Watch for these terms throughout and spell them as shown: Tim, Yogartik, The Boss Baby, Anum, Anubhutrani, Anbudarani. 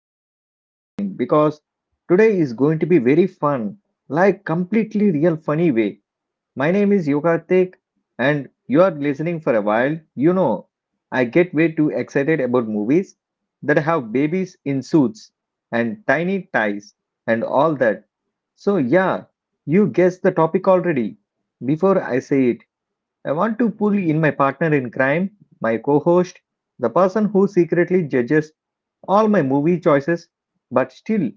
already smiling because today is going to be very fun, like completely real funny way. My name is Yogartik and you are listening for a while. You know, I get way too excited about movies that have babies in suits and tiny ties and all that. So yeah, you guessed the topic already before I say it. I want to pull in my partner in crime, my co host, the person who secretly judges all my movie choices but still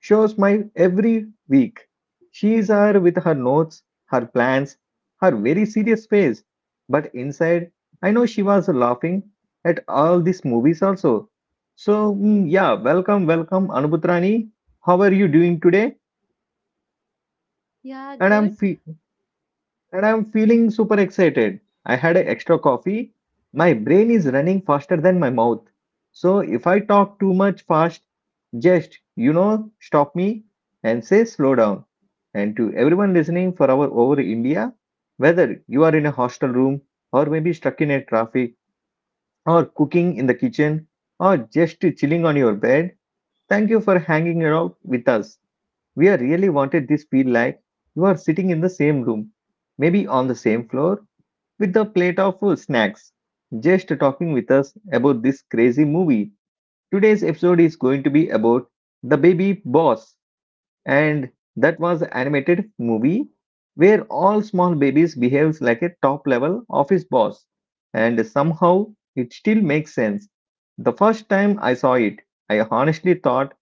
shows my every week. She is her with her notes, her plans, her very serious face. But inside, I know she was laughing at all these movies also. So, yeah, welcome, welcome, Anubhutrani. How are you doing today? Yeah, And I'm good. fe- and I'm feeling super excited. I had a extra coffee. My brain is running faster than my mouth. So if I talk too much fast, just, stop me and say slow down. And to everyone listening for our over India, whether you are in a hostel room or maybe stuck in a traffic or cooking in the kitchen or just chilling on your bed, thank you for hanging out with us. We are really wanted this feel like you are sitting in the same room, maybe on the same floor with a plate of snacks, just talking with us about this crazy movie. Today's episode is going to be about The Baby Boss, and that was an animated movie where all small babies behaves like a top level office boss, and somehow it still makes sense. The first time I saw it, I honestly thought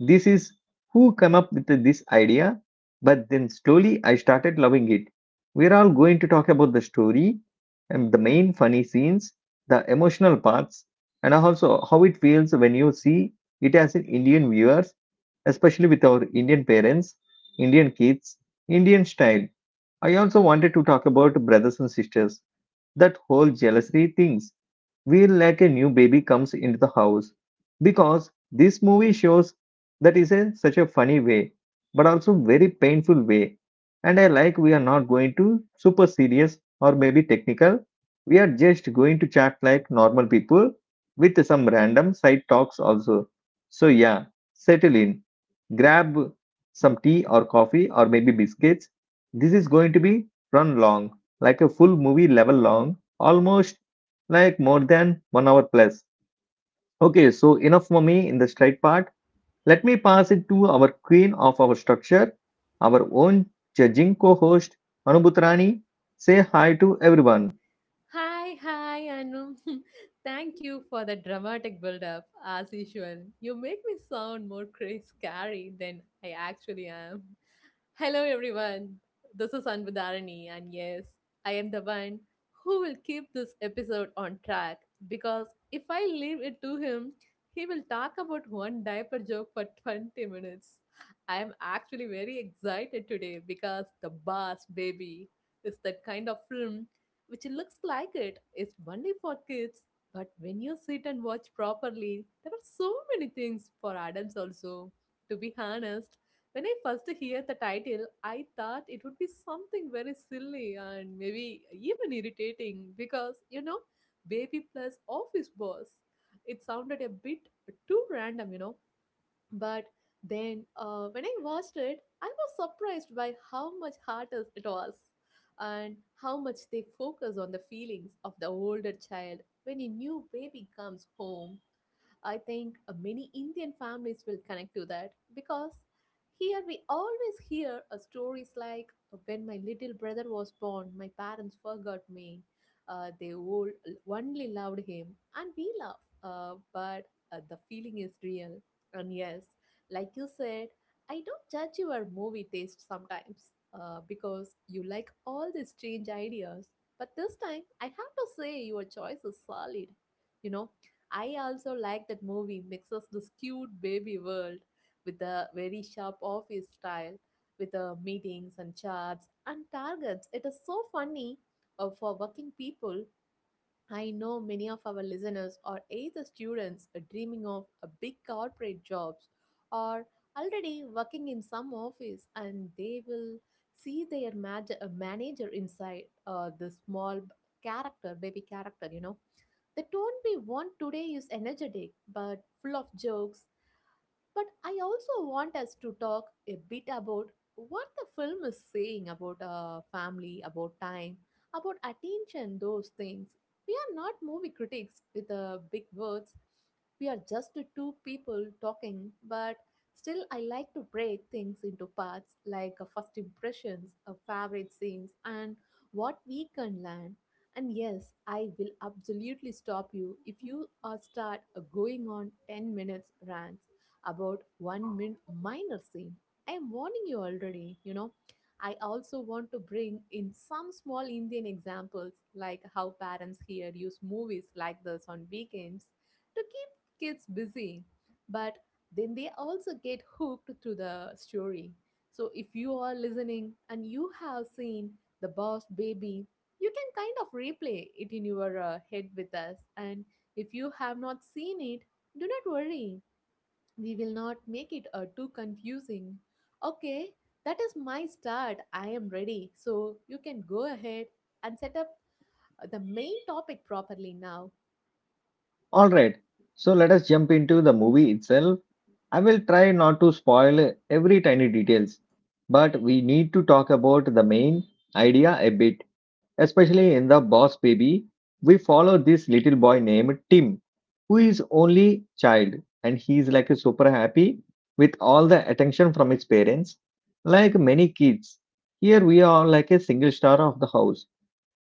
this is who came up with this idea, but then slowly I started loving it. We're all going to talk about the story and the main funny scenes, the emotional parts, and also how it feels when you see it as an Indian viewers, especially with our Indian parents, Indian kids, Indian style. I also wanted to talk about brothers and sisters, that whole jealousy things feel like a new baby comes into the house because this movie shows that is a such a funny way but also very painful way, and I like we are not going to super serious or maybe technical. We are just going to chat like normal people with some random side talks also. So yeah, settle in, grab some tea or coffee or maybe biscuits. This is going to be run long, like a full movie level long, almost like more than 1 hour plus. Okay, so enough for me in the straight part. Let me pass it to our queen of our structure, our own judging co host, Anubutrani. Say hi to everyone. Hi, hi, Anum. Thank you for the dramatic build-up, as usual. You make me sound more crazy scary than I actually am. Hello, everyone. This is Anbudarani, and yes, I am the one who will keep this episode on track because if I leave it to him, he will talk about one diaper joke for 20 minutes. I am actually very excited today because The Boss Baby is that kind of film which looks like it is only for kids, but when you sit and watch properly, there are so many things for adults also. To be honest, when I first heard the title, I thought it would be something very silly and maybe even irritating because Baby Plus Office Boss. It sounded a bit too random. But then when I watched it, I was surprised by how much harder it was and how much they focus on the feelings of the older child when a new baby comes home. I think many Indian families will connect to that because here we always hear stories like when my little brother was born, my parents forgot me. They all only loved him, and we love. But the feeling is real. And yes, like you said, I don't judge your movie taste sometimes because you like all these strange ideas. But this time, I have to say your choice is solid. You know, I also like that movie mixes this cute baby world with the very sharp office style, with the meetings and charts and targets. It is so funny for working people. I know many of our listeners are either students are dreaming of a big corporate jobs or already working in some office, and they will see their manager inside the baby character. The tone we want today is energetic but full of jokes, but I also want us to talk a bit about what the film is saying about family, about time, about attention, those things. We are not movie critics with big words. We are just two people talking, but still, I like to break things into parts like first impressions, favorite scenes, and what we can learn. And yes, I will absolutely stop you if you start going on 10 minutes rant about one minor scene. I am warning you already. I also want to bring in some small Indian examples, like how parents here use movies like this on weekends to keep kids busy. But then they also get hooked to the story. So if you are listening and you have seen The Boss Baby, you can kind of replay it in your head with us. And if you have not seen it, do not worry. We will not make it too confusing. Okay, that is my start. I am ready. So you can go ahead and set up the main topic properly now. All right, so let us jump into the movie itself. I will try not to spoil every tiny details, but we need to talk about the main idea a bit. Especially in the Boss Baby, we follow this little boy named Tim, who is only child, and he is like super happy with all the attention from his parents. Like many kids, here we are like a single star of the house.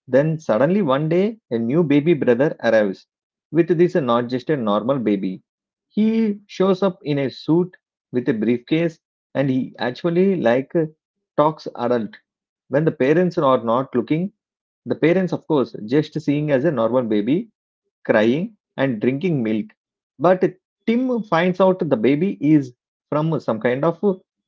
Then suddenly one day, a new baby brother arrives. With this, not just a normal baby. He shows up in a suit with a briefcase, and he actually like talks adult when the parents are not looking. The parents, of course, just seeing as a normal baby crying and drinking milk. But Tim finds out the baby is from some kind of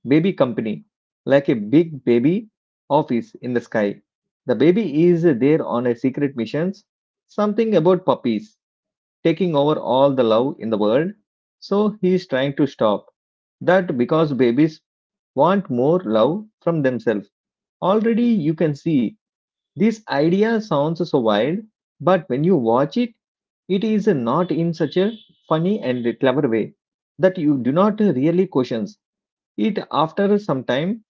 baby company, like a big baby office in the sky. The baby is there on a secret missions, something about puppies taking over all the love in the world. So he is trying to stop that because babies want more love from themselves. Already you can see this idea sounds so wild, but when you watch it, it is not in such a funny and clever way that you do not really question it. After some time,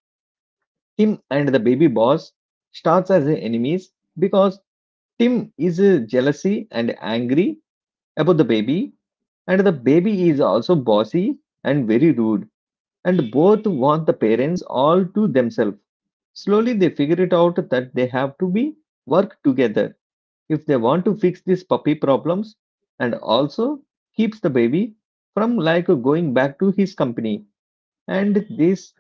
Tim and the baby boss starts as enemies because Tim is jealousy and angry about the baby, and the baby is also bossy and very rude, and both want the parents all to themselves. Slowly, they figure it out that they have to be work together if they want to fix these puppy problems and also keeps the baby from like going back to his company. And this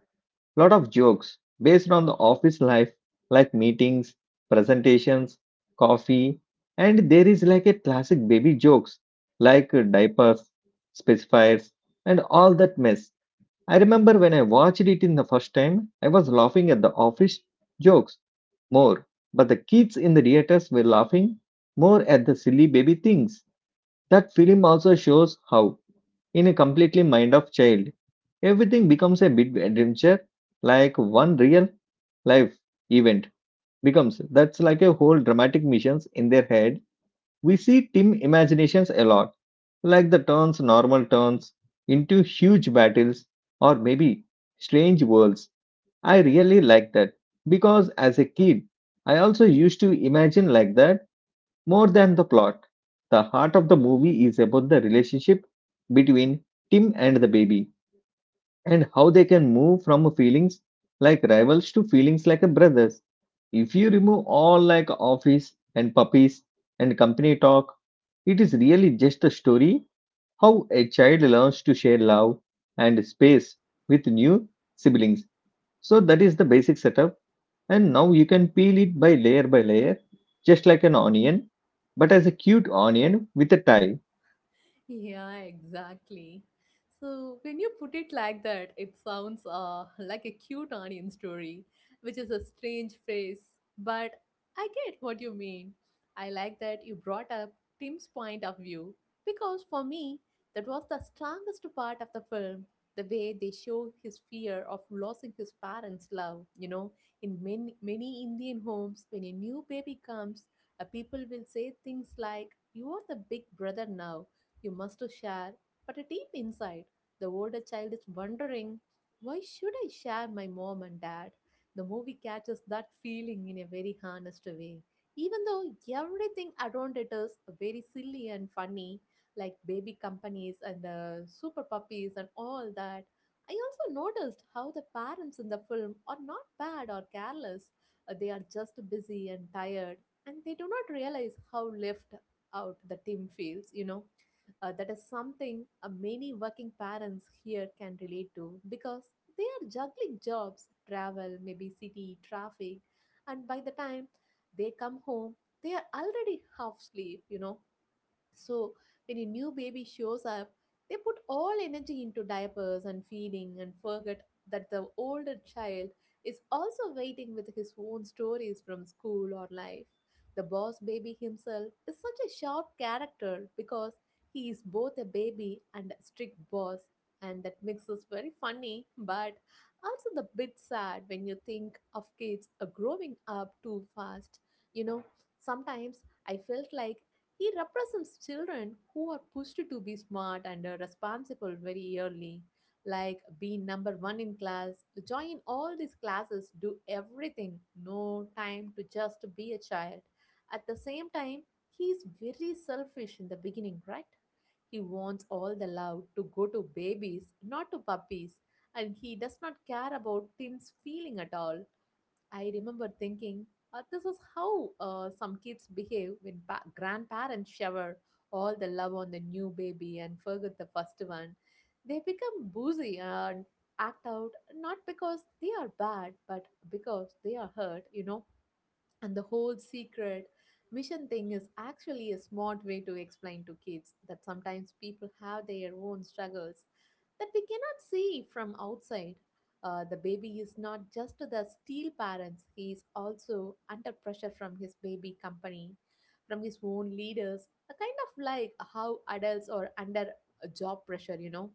lot of jokes based on the office life, like meetings, presentations, coffee. And there is like a classic baby jokes like diapers, specifiers, and all that mess. I remember when I watched it in the first time, I was laughing at the office jokes more, but the kids in the theaters were laughing more at the silly baby things. That film also shows how, in a completely mind of child, everything becomes a big adventure, like one real life event becomes that's like a whole dramatic missions in their head. We see team imaginations a lot, like the turns normal turns into huge battles or maybe strange worlds. I really like that because as a kid, I also used to imagine like that more than the plot. The heart of the movie is about the relationship between Tim and the baby and how they can move from feelings like rivals to feelings like brothers. If you remove all like office and puppies and company talk, it is really just a story how a child learns to share love and space with new siblings. So that is the basic setup and now you can peel it by layer, just like an onion, but as a cute onion with a tie. Yeah, exactly. So when you put it like that, it sounds like a cute onion story, which is a strange phrase, but I get what you mean. I like that you brought up Tim's point of view because for me, that was the strongest part of the film. The way they show his fear of losing his parents' love. In many, many Indian homes, when a new baby comes, people will say things like, "You are the big brother now, you must share," but deep inside, the older child is wondering, why should I share my mom and dad? The movie catches that feeling in a very honest way. Even though everything around it is very silly and funny, like baby companies and super puppies and all that, I also noticed how the parents in the film are not bad or careless. They are just busy and tired, and they do not realize how left out the team feels. That is something many working parents here can relate to because they are juggling jobs, travel, maybe city, traffic, and by the time they come home, they are already half asleep. So when a new baby shows up, they put all energy into diapers and feeding and forget that the older child is also waiting with his own stories from school or life. The boss baby himself is such a sharp character because he is both a baby and a strict boss, and that makes us very funny but also the bit sad when you think of kids are growing up too fast. You know, sometimes I felt like he represents children who are pushed to be smart and responsible very early, like be number one in class, join all these classes, do everything, no time to just be a child. At the same time, he is very selfish in the beginning, right? He wants all the love to go to babies, not to puppies, and he does not care about Tim's feeling at all. I remember thinking, this is how some kids behave when grandparents shower all the love on the new baby and forget the first one. They become boozy and act out not because they are bad, but because they are hurt. And the whole secret mission thing is actually a smart way to explain to kids that sometimes people have their own struggles that we cannot see from outside. The baby is not just the steel parents, he is also under pressure from his baby company, from his own leaders, a kind of like how adults are under a job pressure.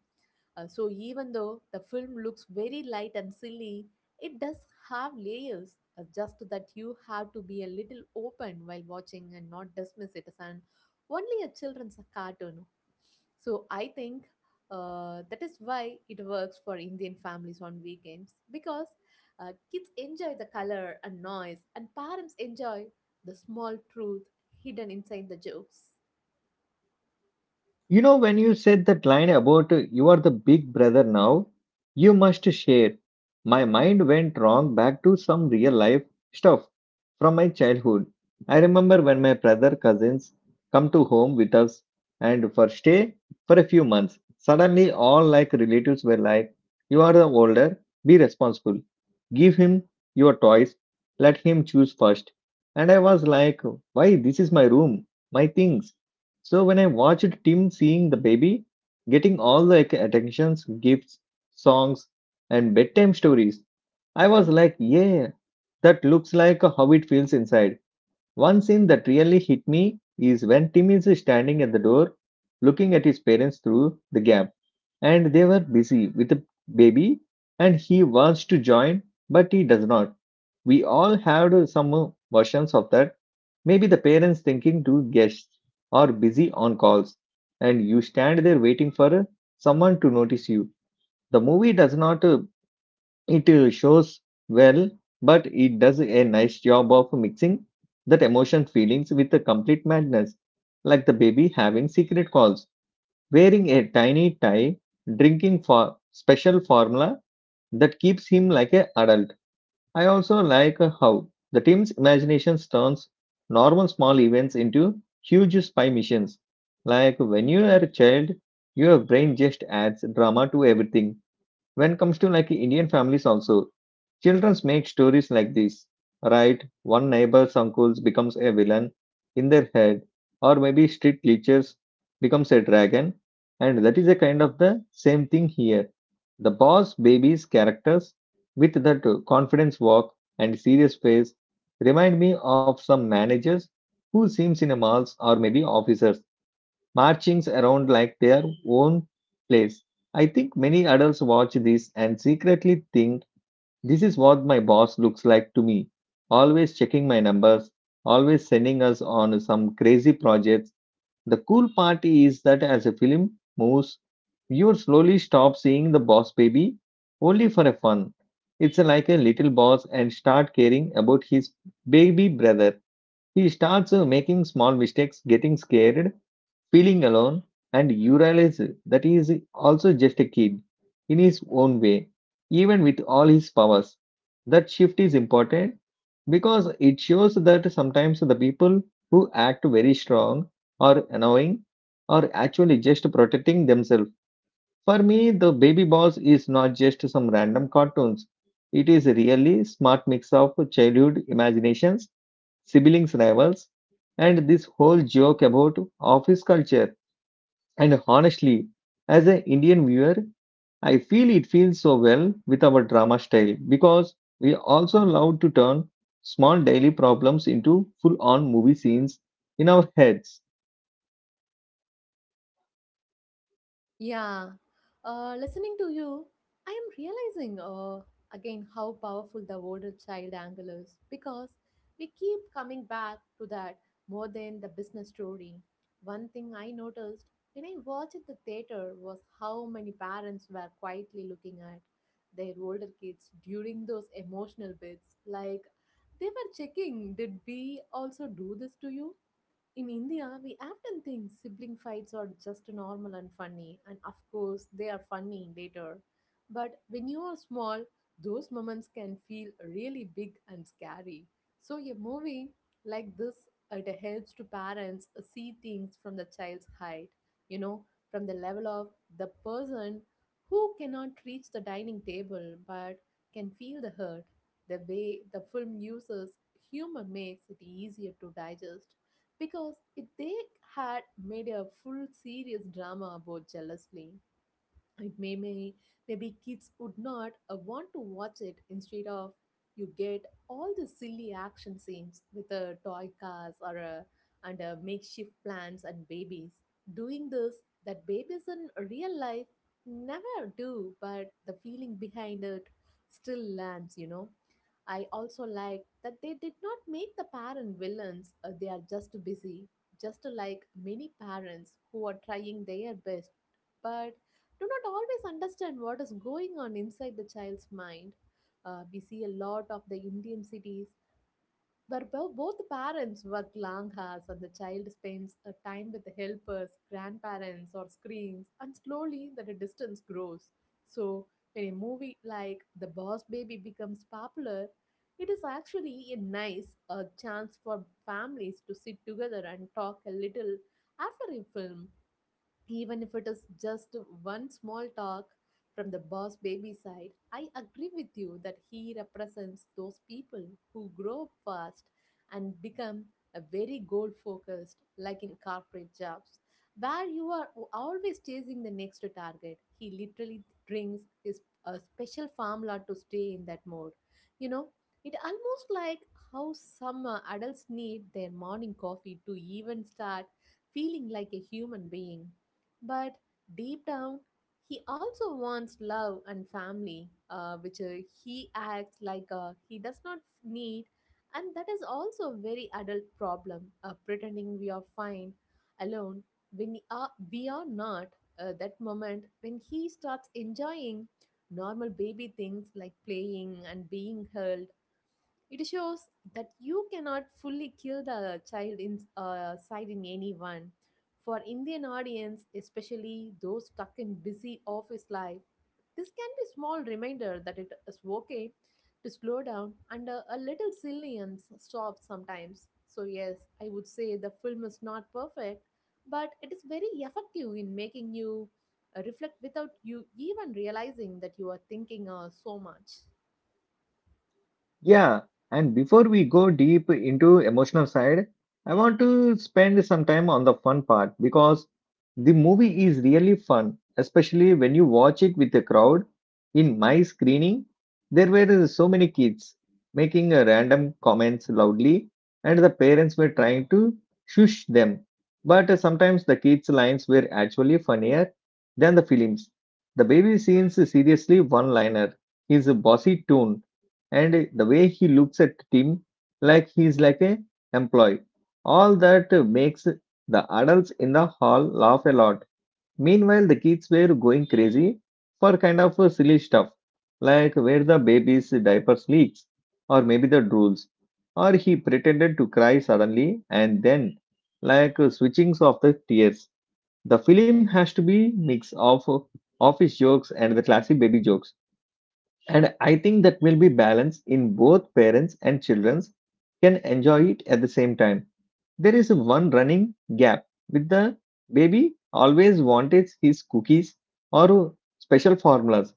So even though the film looks very light and silly, it does have layers, just that you have to be a little open while watching and not dismiss it as an only a children's cartoon. So I think that is why it works for Indian families on weekends because kids enjoy the color and noise, and parents enjoy the small truth hidden inside the jokes. You know, when you said that line about you are the big brother now, you must share, my mind went wrong back to some real life stuff from my childhood. I remember when my brother cousins come to home with us and for stay for a few months. Suddenly, all like relatives were like, you are the older, be responsible. Give him your toys, let him choose first. And I was like, why this is my room, my things. So when I watched Tim seeing the baby, getting all the attentions, gifts, songs, and bedtime stories, I was like, yeah, that looks like how it feels inside. One scene that really hit me is when Tim is standing at the door, looking at his parents through the gap, and they were busy with the baby, and he wants to join, but he does not. We all had some versions of that. Maybe the parents thinking two guests are busy on calls, and you stand there waiting for someone to notice you. The movie does not, it shows well, but it does a nice job of mixing that emotion feelings with the complete madness, like the baby having secret calls, wearing a tiny tie, drinking for special formula that keeps him like a adult. I also like how the team's imagination turns normal small events into huge spy missions. Like when you are a child, your brain just adds drama to everything when it comes to like Indian families also childrens make stories like this, right? One neighbor's uncles becomes a villain in their head, or maybe street leechers becomes a dragon. And that is a kind of the same thing here. The boss babies characters, with that confidence walk and serious face, remind me of some managers who seems in a malls or maybe officers marchings around like their own place. I think many adults watch this and secretly think this is what my boss looks like to me, always checking my numbers, always sending us on some crazy projects. The cool part is that as a film moves, you slowly stop seeing the boss baby only for a fun. It's like a little boss and start caring about his baby brother. He starts making small mistakes, getting scared, feeling alone, and you realize that he is also just a kid in his own way, even with all his powers. That shift is important because it shows that sometimes the people who act very strong or annoying are actually just protecting themselves. For me, the baby boss is not just some random cartoons. It is a really smart mix of childhood imaginations, siblings rivals, and this whole joke about office culture and honestly, as an Indian viewer, I feel it feels so well with our drama style because we also love to turn small daily problems into full on movie scenes in our heads. Yeah, listening to you, I am realizing again how powerful the older child angle is because we keep coming back to that more than the business story. One thing I noticed when I watched at the theater was how many parents were quietly looking at their older kids during those emotional bits, like they were checking, did we also do this to you? In India, we often think sibling fights are just normal and funny, and of course, they are funny later. But when you are small, those moments can feel really big and scary. So, a movie like this, it helps to parents see things from the child's height, you know, from the level of the person who cannot reach the dining table but can feel the hurt. The way the film uses humor makes it easier to digest because they had made a full serious drama about jealousy, it may maybe kids would not want to watch it instead of you get all the silly action scenes with a toy cars or a and a makeshift plants and babies doing this that babies in real life never do, but the feeling behind it still lands. I also like that they did not make the parent villains, they are just busy, just like many parents who are trying their best but do not always understand what is going on inside the child's mind. We see a lot of the Indian cities where both parents work long hours and the child spends a time with the helpers, grandparents, or screens, and slowly that a distance grows. So, when a movie like The Boss Baby becomes popular, it is actually a nice chance for families to sit together and talk a little after a film, even if it is just one small talk. From the boss baby side, I agree with you that he represents those people who grow up fast and become a very goal focused, like in corporate jobs, where you are always chasing the next target. He literally drinks his a special formula to stay in that mode. You know, it almost like how some adults need their morning coffee to even start feeling like a human being, but deep down, he also wants love and family, which he acts like he does not need. And that is also a very adult problem, pretending we are fine alone when we are not. That moment when he starts enjoying normal baby things like playing and being held, it shows that you cannot fully kill the child inside in side in anyone. For Indian audience, especially those stuck in busy office life, this can be small reminder that it is okay to slow down and a little silly and soft sometimes. So yes, I would say the film is not perfect, but it is very effective in making you reflect without you even realizing that you are thinking so much. Yeah, and before we go deep into emotional side, I want to spend some time on the fun part because the movie is really fun, especially when you watch it with a crowd. In my screening, there were so many kids making random comments loudly, and the parents were trying to shush them. But sometimes the kids' lines were actually funnier than the films. The baby scene's seriously one-liner. His bossy tone and the way he looks at Tim like he's like a employee. All that makes the adults in the hall laugh a lot. Meanwhile, the kids were going crazy for kind of silly stuff like where the baby's diaper leaks or maybe the drools or he pretended to cry suddenly and then like switchings of the tears. The film has to be mix of office jokes and the classic baby jokes, and I think that will be balanced in both parents and children can enjoy it at the same time. There is one running gap with the baby always wanted his cookies or special formulas,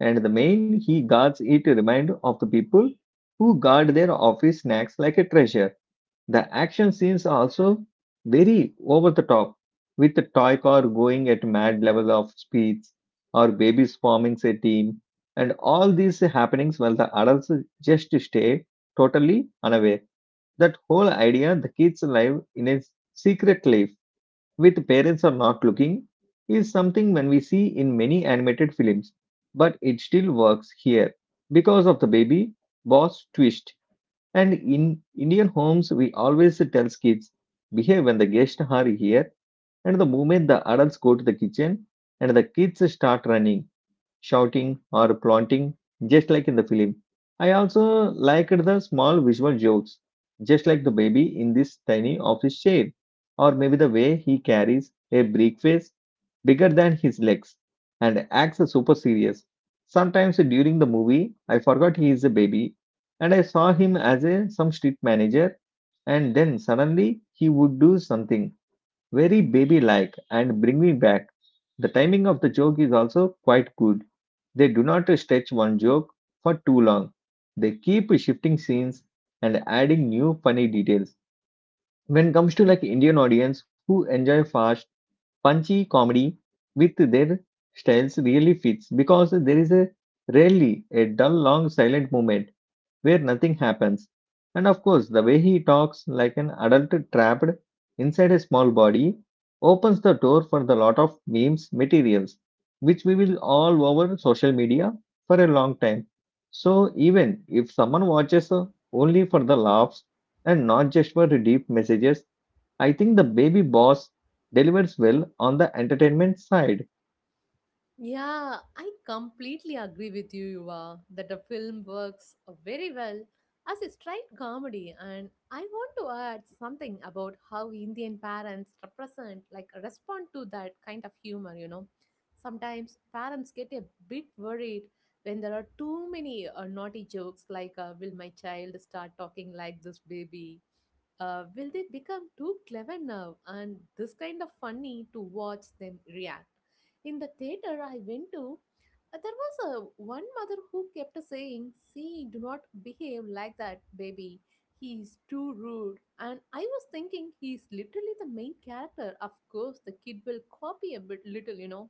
and the main he guards it remind of the people who guard their office snacks like a treasure. The action scenes are also very over the top, with the toy car going at mad level of speeds, or babies forming a team, and all these happenings while the adults just stay totally unaware. That whole idea, the kids live in a secret life with parents are not looking, is something when we see in many animated films, but it still works here because of the baby boss twist. And in Indian homes, we always tell kids, behave when the guests are here. And the moment the adults go to the kitchen and the kids start running, shouting, or planting, just like in the film. I also liked the small visual jokes, just like the baby in this tiny office chair, or maybe the way he carries a briefcase bigger than his legs and acts super serious. Sometimes during the movie, I forgot he is a baby and I saw him as a some street manager, and then suddenly he would do something very baby like and bring me back. The timing of the joke is also quite good. They do not stretch one joke for too long. They keep shifting scenes and adding new funny details. When it comes to like Indian audience who enjoy fast, punchy comedy with their styles really fits because there is a rarely a dull long silent moment where nothing happens. And of course, the way he talks like an adult trapped inside a small body opens the door for the lot of memes materials, which we will all over social media for a long time. So even if someone watches only for the laughs and not just for the deep messages, I think the baby boss delivers well on the entertainment side. Yeah, I completely agree with you, Yuva, that the film works very well as a straight comedy. And I want to add something about how Indian parents represent, like, respond to that kind of humor, you know. Sometimes parents get a bit worried when there are too many naughty jokes, like, will my child start talking like this baby? Will they become too clever now? And this kind of funny to watch them react in the theater I went to, there was a one mother who kept saying, "See, do not behave like that, baby. He is too rude." And I was thinking, he is literally the main character. Of course, the kid will copy a bit little, you know.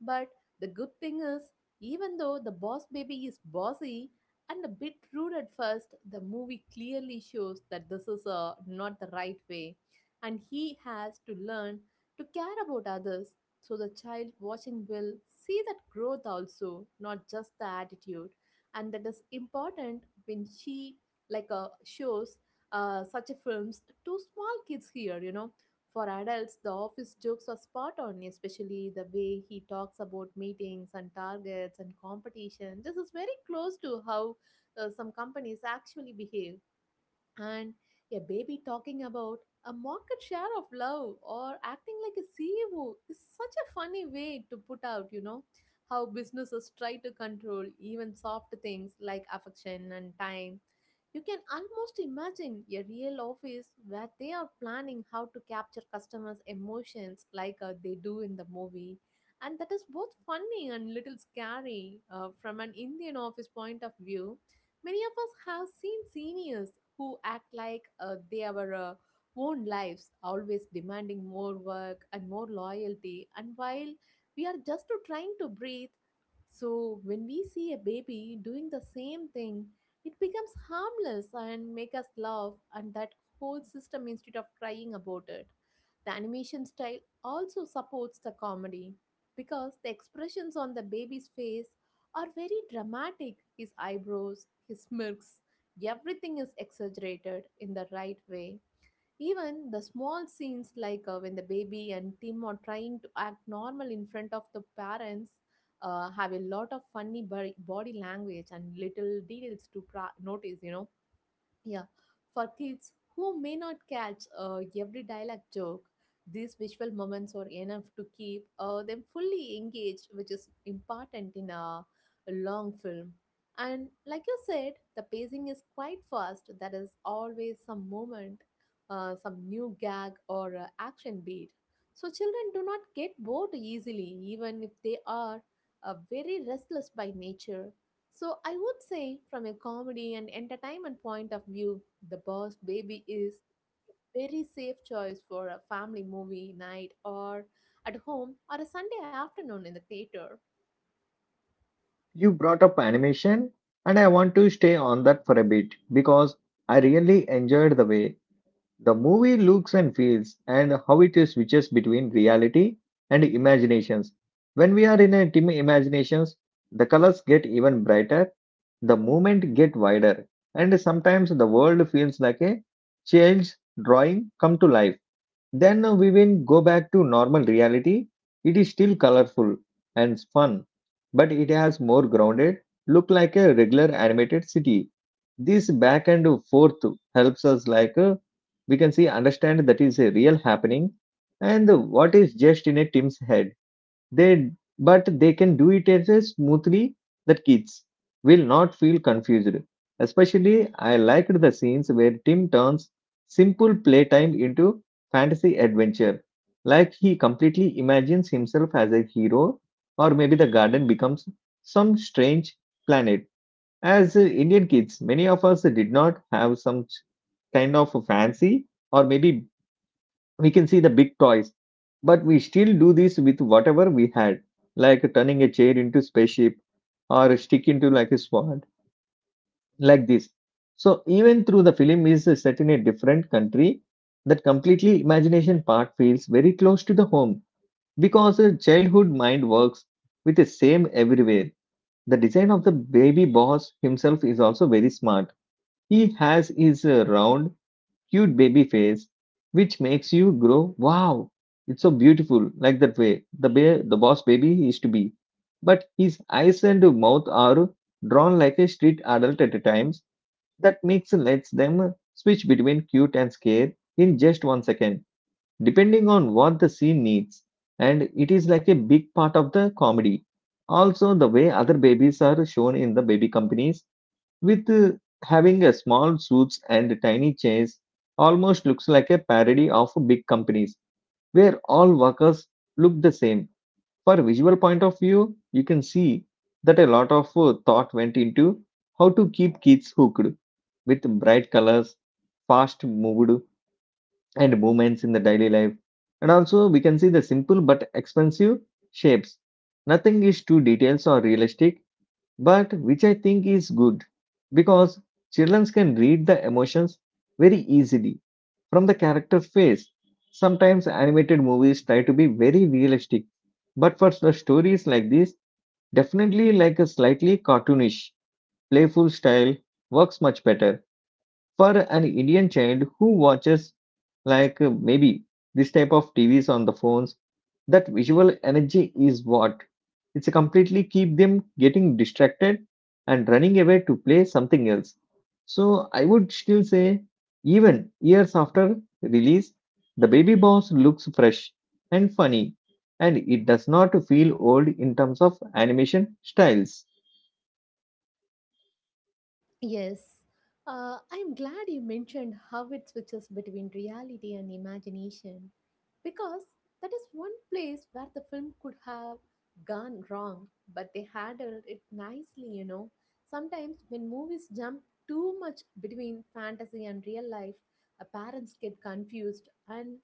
But the good thing is, even though the boss baby is bossy and a bit rude at first, the movie clearly shows that this is not the right way, and he has to learn to care about others. So the child watching will see that growth also, not just the attitude, and that is important when she like shows such a films to small kids here. You know, for adults, the office jokes are spot on, especially the way he talks about meetings and targets and competition. This is very close to how some companies actually behave, and a baby talking about a market share of love or acting like a CEO is such a funny way to put out, you know, how businesses try to control even soft things like affection and time. You can almost imagine a real office where they are planning how to capture customers' emotions like they do in the movie. And that is both funny and little scary from an Indian office point of view. Many of us have seen seniors who act like they are own lives, always demanding more work and more loyalty. And while we are just to trying to breathe, so when we see a baby doing the same thing, it becomes harmless and make us laugh, and that whole system instead of crying about it. The animation style also supports the comedy because the expressions on the baby's face are very dramatic. His eyebrows, his smirks, everything is exaggerated in the right way. Even the small scenes, like when the baby and Tim are trying to act normal in front of the parents, have a lot of funny body language and little details to notice, you know. Yeah, for kids who may not catch every dialect joke, these visual moments are enough to keep them fully engaged, which is important in a long film. And like you said, the pacing is quite fast. There is always some moment, some new gag or action beat. So children do not get bored easily, even if they are very restless by nature. So I would say, from a comedy and entertainment point of view, The Boss Baby is very safe choice for a family movie night or at home or a Sunday afternoon in the theater. You brought up animation, and I want to stay on that for a bit because I really enjoyed the way the movie looks and feels and how it switches between reality and imaginations. When we are in a dim imaginations, the colors get even brighter, the movement get wider, and sometimes the world feels like a child's drawing come to life. Then we will go back to normal reality. It is still colorful and fun, but it has more grounded, look like a regular animated city. This back and forth helps us like we can see understand that is a real happening and what is just in a team's head they but they can do it as a smoothly that kids will not feel confused, especially I liked the scenes where Tim turns simple playtime into fantasy adventure, like he completely imagines himself as a hero or maybe the garden becomes some strange planet. As Indian kids, many of us did not have some kind of a fancy, or maybe we can see the big toys, but we still do this with whatever we had, like turning a chair into spaceship or a stick into like a sword, like this. So even through the film is set in a different country, that completely imagination part feels very close to the home because a childhood mind works with the same everywhere. The design of the baby boss himself is also very smart. He has his round, cute baby face, which makes you grow, wow, it's so beautiful, like that way. The, the boss baby he used to be. But his eyes and mouth are drawn like a street adult at times. That makes lets them switch between cute and scared in just one second, depending on what the scene needs. And it is like a big part of the comedy. Also, the way other babies are shown in the baby companies with having a small suits and tiny chairs almost looks like a parody of big companies where all workers look the same. For visual point of view, you can see that a lot of thought went into how to keep kids hooked with bright colors, fast moved, and movements in the daily life. And also we can see the simple but expensive shapes. Nothing is too details or realistic, but which I think is good because children can read the emotions very easily from the character face. Sometimes animated movies try to be very realistic, but for the stories like this, definitely like a slightly cartoonish, playful style works much better. For an Indian child who watches like maybe this type of TVs on the phones, that visual energy is what it's completely keep them getting distracted and running away to play something else. So I would still say, even years after release, the baby boss looks fresh and funny, and it does not feel old in terms of animation styles. Yes, I'm glad you mentioned how it switches between reality and imagination because that is one place where the film could have gone wrong, but they handled it nicely, you know. Sometimes when movies jump too much between fantasy and real life, parents get confused and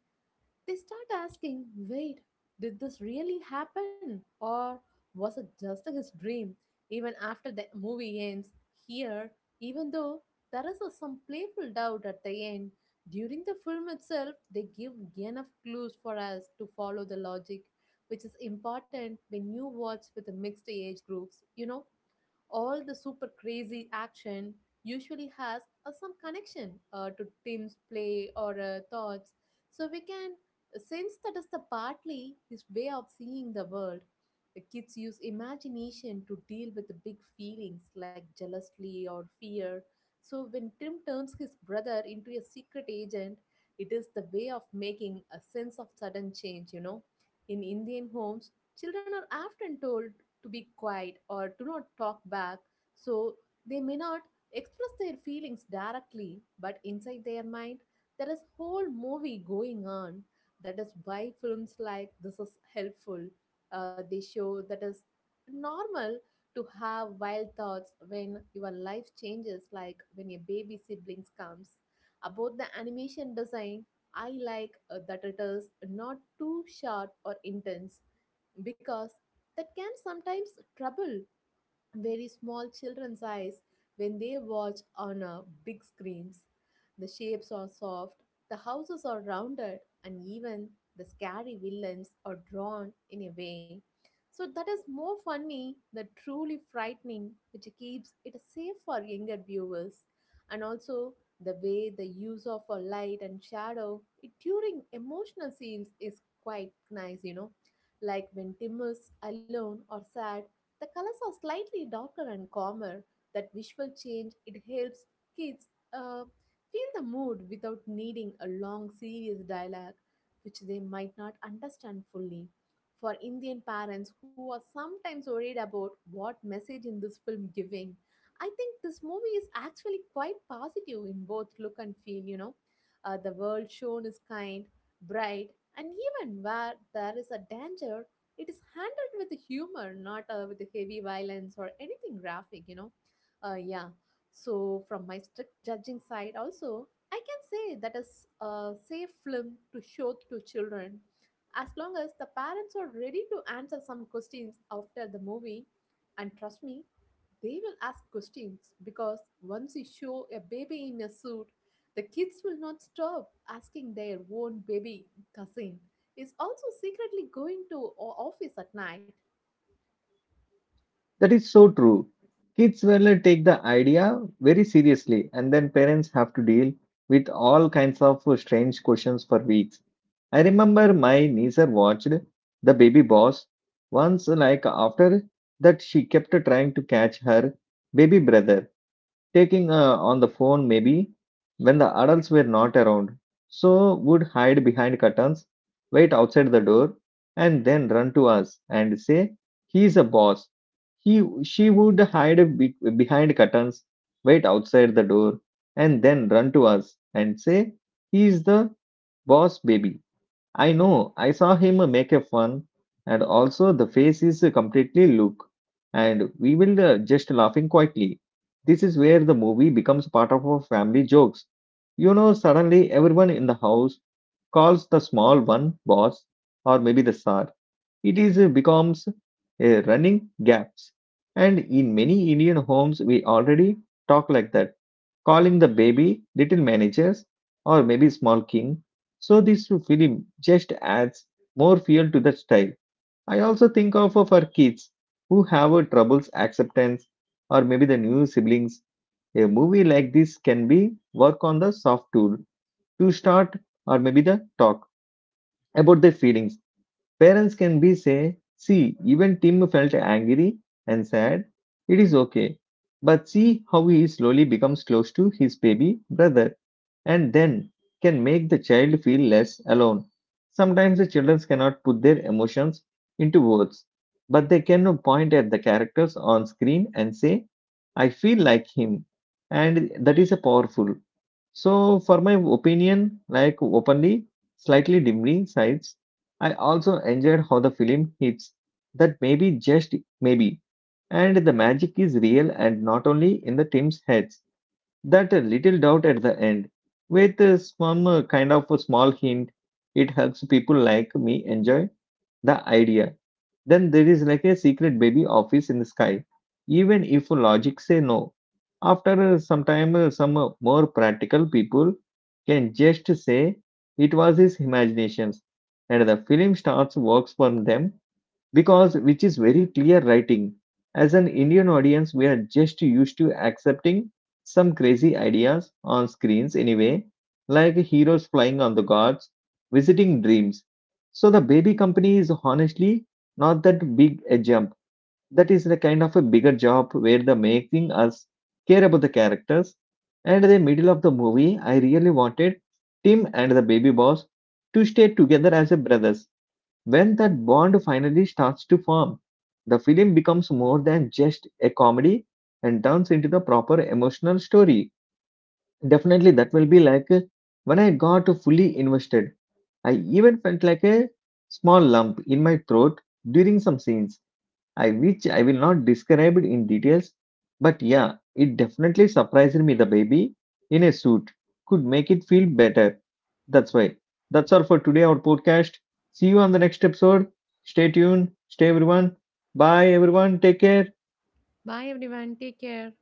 they start asking, wait, did this really happen? Or was it just his dream? Even after the movie ends, here, even though there is a, some playful doubt at the end, during the film itself, they give enough clues for us to follow the logic, which is important when you watch with the mixed age groups. You know, all the super crazy action usually has some connection to Tim's play or thoughts. So we can sense that is the partly his way of seeing the world. The kids use imagination to deal with the big feelings like jealousy or fear. So when Tim turns his brother into a secret agent, it is the way of making a sense of sudden change, you know. In Indian homes, children are often told to be quiet or do not talk back, so they may not express their feelings directly, but inside their mind, there is whole movie going on. That is why films like this is helpful. They show that is normal to have wild thoughts when your life changes, like when your baby siblings comes. About the animation design, I like that it is not too sharp or intense because that can sometimes trouble very small children's eyes when they watch on a big screens. The shapes are soft, the houses are rounded, and even the scary villains are drawn in a way. So that is more funny than truly frightening, which keeps it safe for younger viewers. And also the way the use of a light and shadow it, during emotional scenes is quite nice, you know, like when Tim is alone or sad, the colors are slightly darker and calmer. That visual change it helps kids uh, feel the mood without needing a long serious dialogue, which they might not understand fully. For Indian parents who are sometimes worried about what message in this film giving, I think this movie is actually quite positive in both look and feel. You know, the world shown is kind, bright, and even where there is a danger, it is handled with humor, not with heavy violence or anything graphic, you know. uh, yeah so from my strict judging side also, I can say that is a safe film to show to children as long as the parents are ready to answer some questions after the movie, and trust me, they will ask questions because once you show a baby in a suit, the kids will not stop asking their own baby cousin is also secretly going to office at night. That is so true. Kids will take the idea very seriously, and then parents have to deal with all kinds of strange questions for weeks. I remember my niece watched The Baby Boss once, like after that, she kept trying to catch her baby brother taking on the phone maybe when the adults were not around. So would hide behind curtains, wait outside the door, and then run to us and say he's a boss. He she would hide be- behind curtains wait outside the door and then run to us and say he's the boss baby I know. I saw him make a fun, and also the face is completely look, and we will just laughing quietly. This is where the movie becomes part of our family jokes. You know, suddenly everyone in the house calls the small one boss or maybe the sir. It is becomes a running gaps, and in many Indian homes we already talk like that, calling the baby little managers or maybe small king. So this film just adds more fuel to the style. I also think of our kids who have a troubles acceptance or maybe the new siblings. A movie like this can be work on the soft tool to start or maybe the talk about their feelings. Parents can be say, see, even Tim felt angry and sad. It is okay. But see how he slowly becomes close to his baby brother, and then can make the child feel less alone. Sometimes the children cannot put their emotions into words, but they can point at the characters on screen and say, I feel like him. And that is a powerful. So, for my opinion, like openly, slightly dimly sides, I also enjoyed how the film hits that maybe just maybe. And the magic is real and not only in the team's heads, that a little doubt at the end, with some kind of a small hint, it helps people like me enjoy the idea. Then there is like a secret baby office in the sky, even if logic say no. After some time, some more practical people can just say it was his imaginations, and the film starts works for them because which is very clear writing. As an Indian audience, we are just used to accepting some crazy ideas on screens anyway, like heroes flying on the gods, visiting dreams. So the baby company is honestly not that big a jump. That is the kind of a bigger job where the making us care about the characters. And the middle of the movie, I really wanted Tim and the baby boss to stay together as a brothers. When that bond finally starts to form, the film becomes more than just a comedy and turns into the proper emotional story. Definitely, that will be like when I got fully invested. I even felt like a small lump in my throat during some scenes I which I will not describe it in details, but yeah, it definitely surprised me. The baby in a suit could make it feel better. That's why. That's all for today, our podcast. See you on the next episode. Stay tuned. Stay everyone. Bye everyone. Take care. Bye everyone. Take care.